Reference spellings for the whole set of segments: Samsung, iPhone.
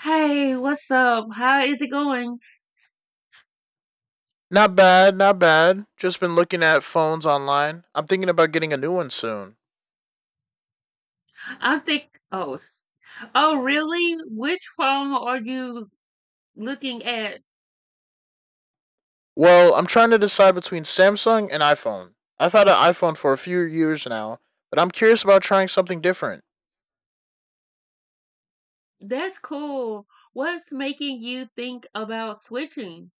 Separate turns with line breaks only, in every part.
Hey, what's up? How is it going?
Not bad, not bad. Just been looking at phones online. I'm thinking about getting a new one soon.
I'm think. Oh, s- oh, really? Which phone are you looking at?
Well, I'm trying to decide between Samsung and iPhone. I've had an iPhone for a few years now, but I'm curious about trying something different.
That's cool. What's making you think about switching?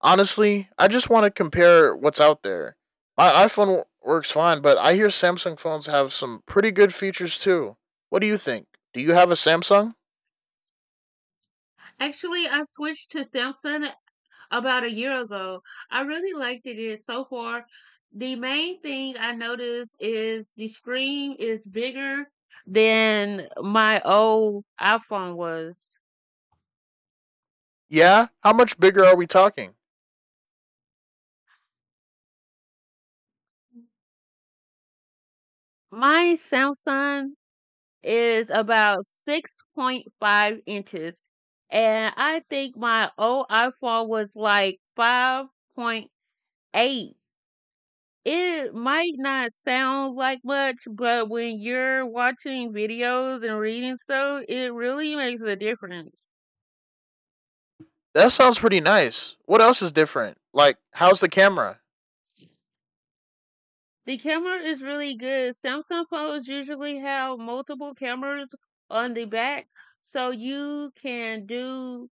Honestly, I just want to compare what's out there. My iPhone works fine, but I hear Samsung phones have some pretty good features too. What do you think? Do you have a Samsung?
Actually, I switched to Samsung about a year ago. I really liked it so far. The main thing I noticed is the screen is bigger than my old iPhone was.
Yeah? How much bigger are we talking?
My Samsung is about 6.5 inches. And I think my old iPhone was like 5.8. It might not sound like much, but when you're watching videos and reading stuff, it really makes a difference.
That sounds pretty nice. What else is different? Like, how's the camera?
The camera is really good. Samsung phones usually have multiple cameras on the back, so you can do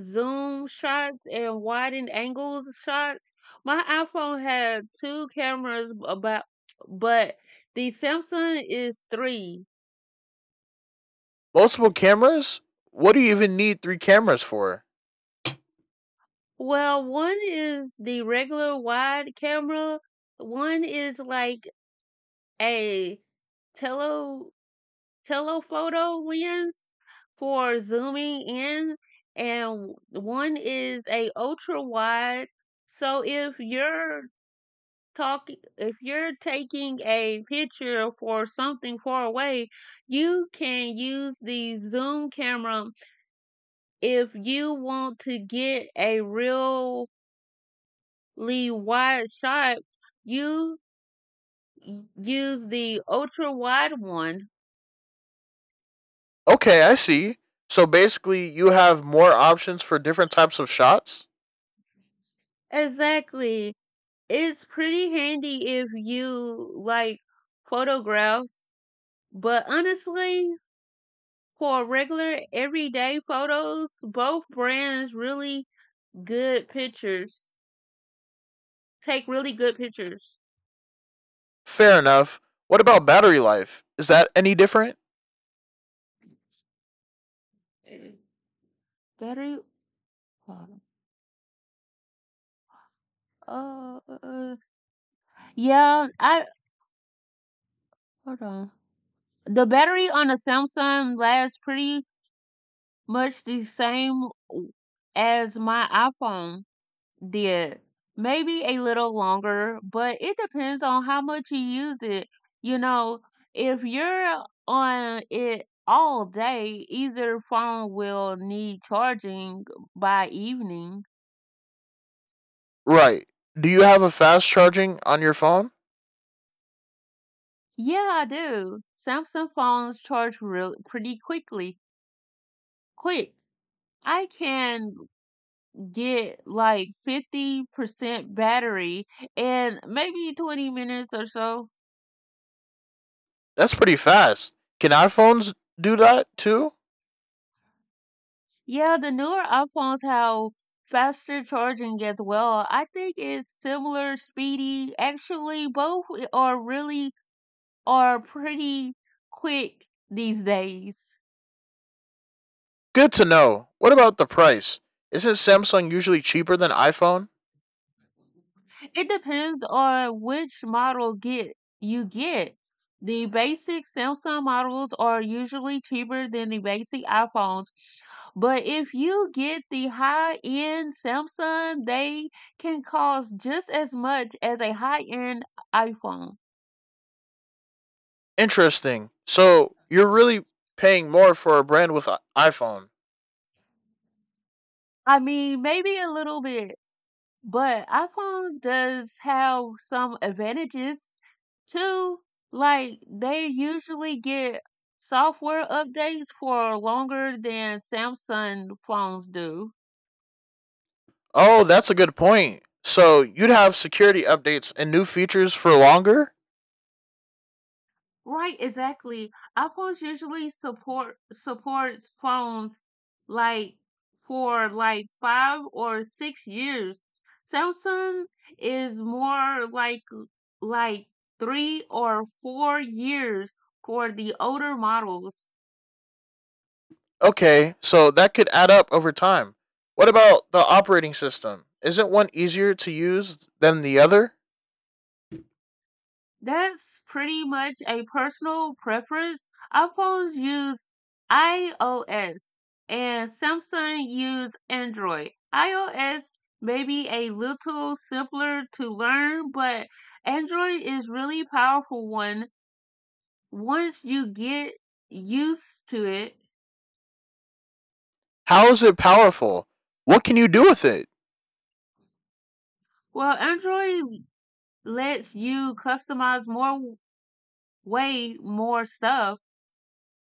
zoom shots and wide angles shots. My iPhone had two cameras about but the Samsung is three.
Multiple cameras? What do you even need three cameras for?
Well, one is the regular wide camera, one is like a tele telephoto lens for zooming in and one is a ultra wide. So talk if you're taking a picture for something far away, you can use the zoom camera. If you want to get a really wide shot, you use the ultra wide one.
Okay, I see. So basically, you have more options for different types of shots?
Exactly, it's pretty handy if you like photographs, but honestly, for regular everyday photos both brands really good pictures. take really good pictures.
Fair enough. What about battery life? Is that any different?
Mm. Battery. Hold on. Yeah, I hold on. the battery on the Samsung lasts pretty much the same as my iPhone did. Maybe a little longer, but it depends on how much you use it. You know, if you're on it all day, either phone will need charging by evening.
Right. Do you have a fast charging on your phone?
Yeah, I do. Samsung phones charge real pretty quickly. Quick. I can get like 50% battery in maybe 20 minutes or so.
That's pretty fast. Can iPhones do that too?
Yeah, the newer iPhones have faster charging as well. I think it's similar speedy. Actually, both are pretty quick these days.
Good to know. What about the price? Isn't Samsung usually cheaper than iPhone?
It depends on which model get you get. The basic Samsung models are usually cheaper than the basic iPhones, but if you get the high-end Samsung, they can cost just as much as a high-end iPhone.
Interesting. So, you're really paying more for a brand with iPhone.
I mean, maybe a little bit. But iPhone does have some advantages too. Like they usually get software updates for longer than Samsung phones do.
Oh, that's a good point. So you'd have security updates and new features for longer?
Right, exactly. iPhones usually support supports phones like for like 5 or 6 years. Samsung is more like 3 or 4 years for the older models.
Okay, so that could add up over time. What about the operating system? Isn't one easier to use than the other?
That's pretty much a personal preference. iPhones use iOS and Samsung use Android. iOS may be a little simpler to learn, but Android is really powerful one once you get used to it.
How is it powerful? What can you do with it?
Well, Android lets you customize more, way more stuff.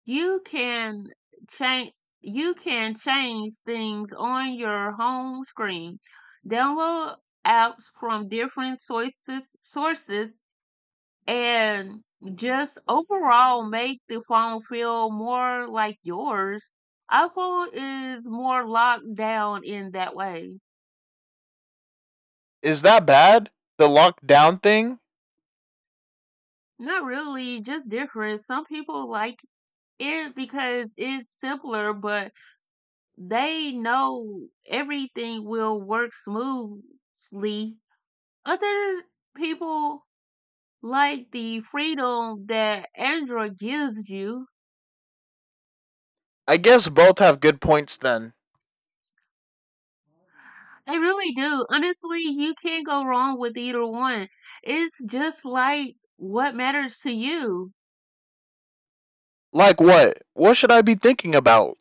You can change you can change things on your home screen. Download apps from different sources and just overall make the phone feel more like yours. iPhone is more locked down in that way.
Is that bad? The lockdown thing?
Not really, just different. Some people like it because it's simpler, but they know everything will work smoothly. Other people like the freedom that Android gives you.
I guess both have good points then.
They really do. Honestly, you can't go wrong with either one. It's just like what matters to you.
Like what? What should I be thinking about?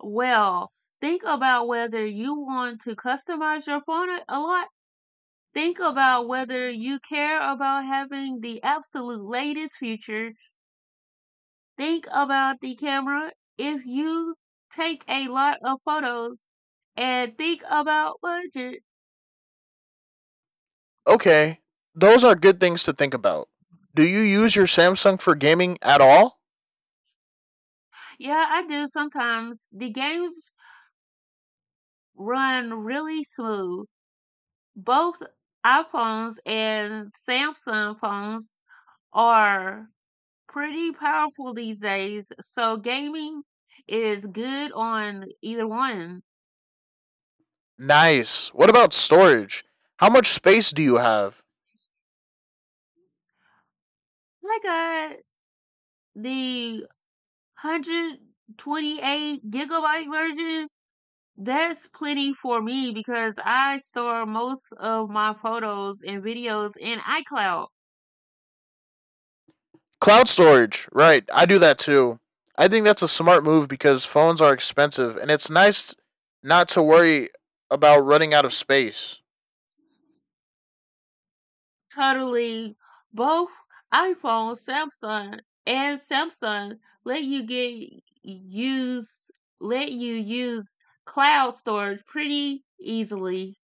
Well, think about whether you want to customize your phone a lot. Think about whether you care about having the absolute latest features. Think about the camera. If you take a lot of photos. And think about budget.
Okay, those are good things to think about. Do you use your Samsung for gaming at all?
Yeah, I do sometimes. The games run really smooth. Both iPhones and Samsung phones are pretty powerful these days, so gaming is good on either one.
Nice. What about storage? How much space do you have?
I got the 128 gigabyte version. That's plenty for me because I store most of my photos and videos in iCloud.
Cloud storage. Right. I do that too. I think that's a smart move because phones are expensive and it's nice not to worry about running out of space.
Totally, both iPhone, Samsung, and Samsung let you get use let you use cloud storage pretty easily.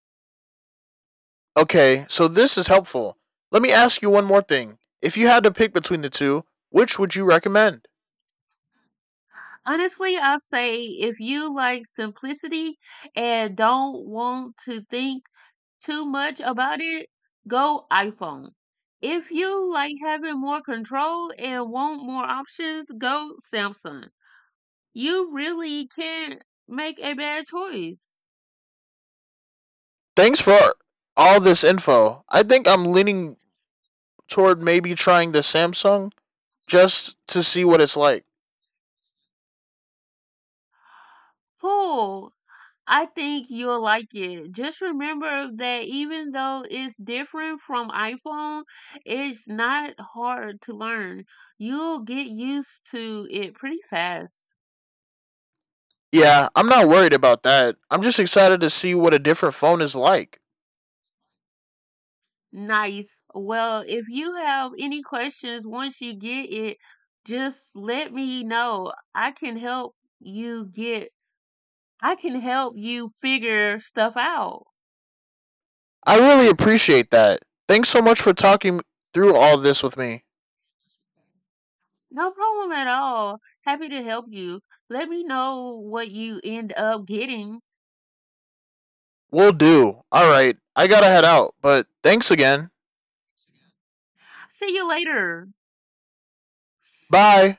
Okay, so this is helpful. Let me ask you one more thing. If you had to pick between the two, which would you recommend?
Honestly, I say if you like simplicity and don't want to think too much about it, go iPhone. If you like having more control and want more options, go Samsung. You really can't make a bad choice.
Thanks for all this info. I think I'm leaning toward maybe trying the Samsung just to see what it's like.
Cool. I think you'll like it. Just remember that even though it's different from iPhone, it's not hard to learn. You'll get used to it pretty fast.
Yeah, I'm not worried about that. I'm just excited to see what a different phone is like.
Nice. Well, if you have any questions once you get it, just let me know. You get, I can help you figure stuff out.
I really appreciate that. Thanks so much for talking through all this with me.
No problem at all. Happy to help you. Let me know what you end up getting.
Will do. All right, I gotta head out, but thanks again.
See you later.
Bye.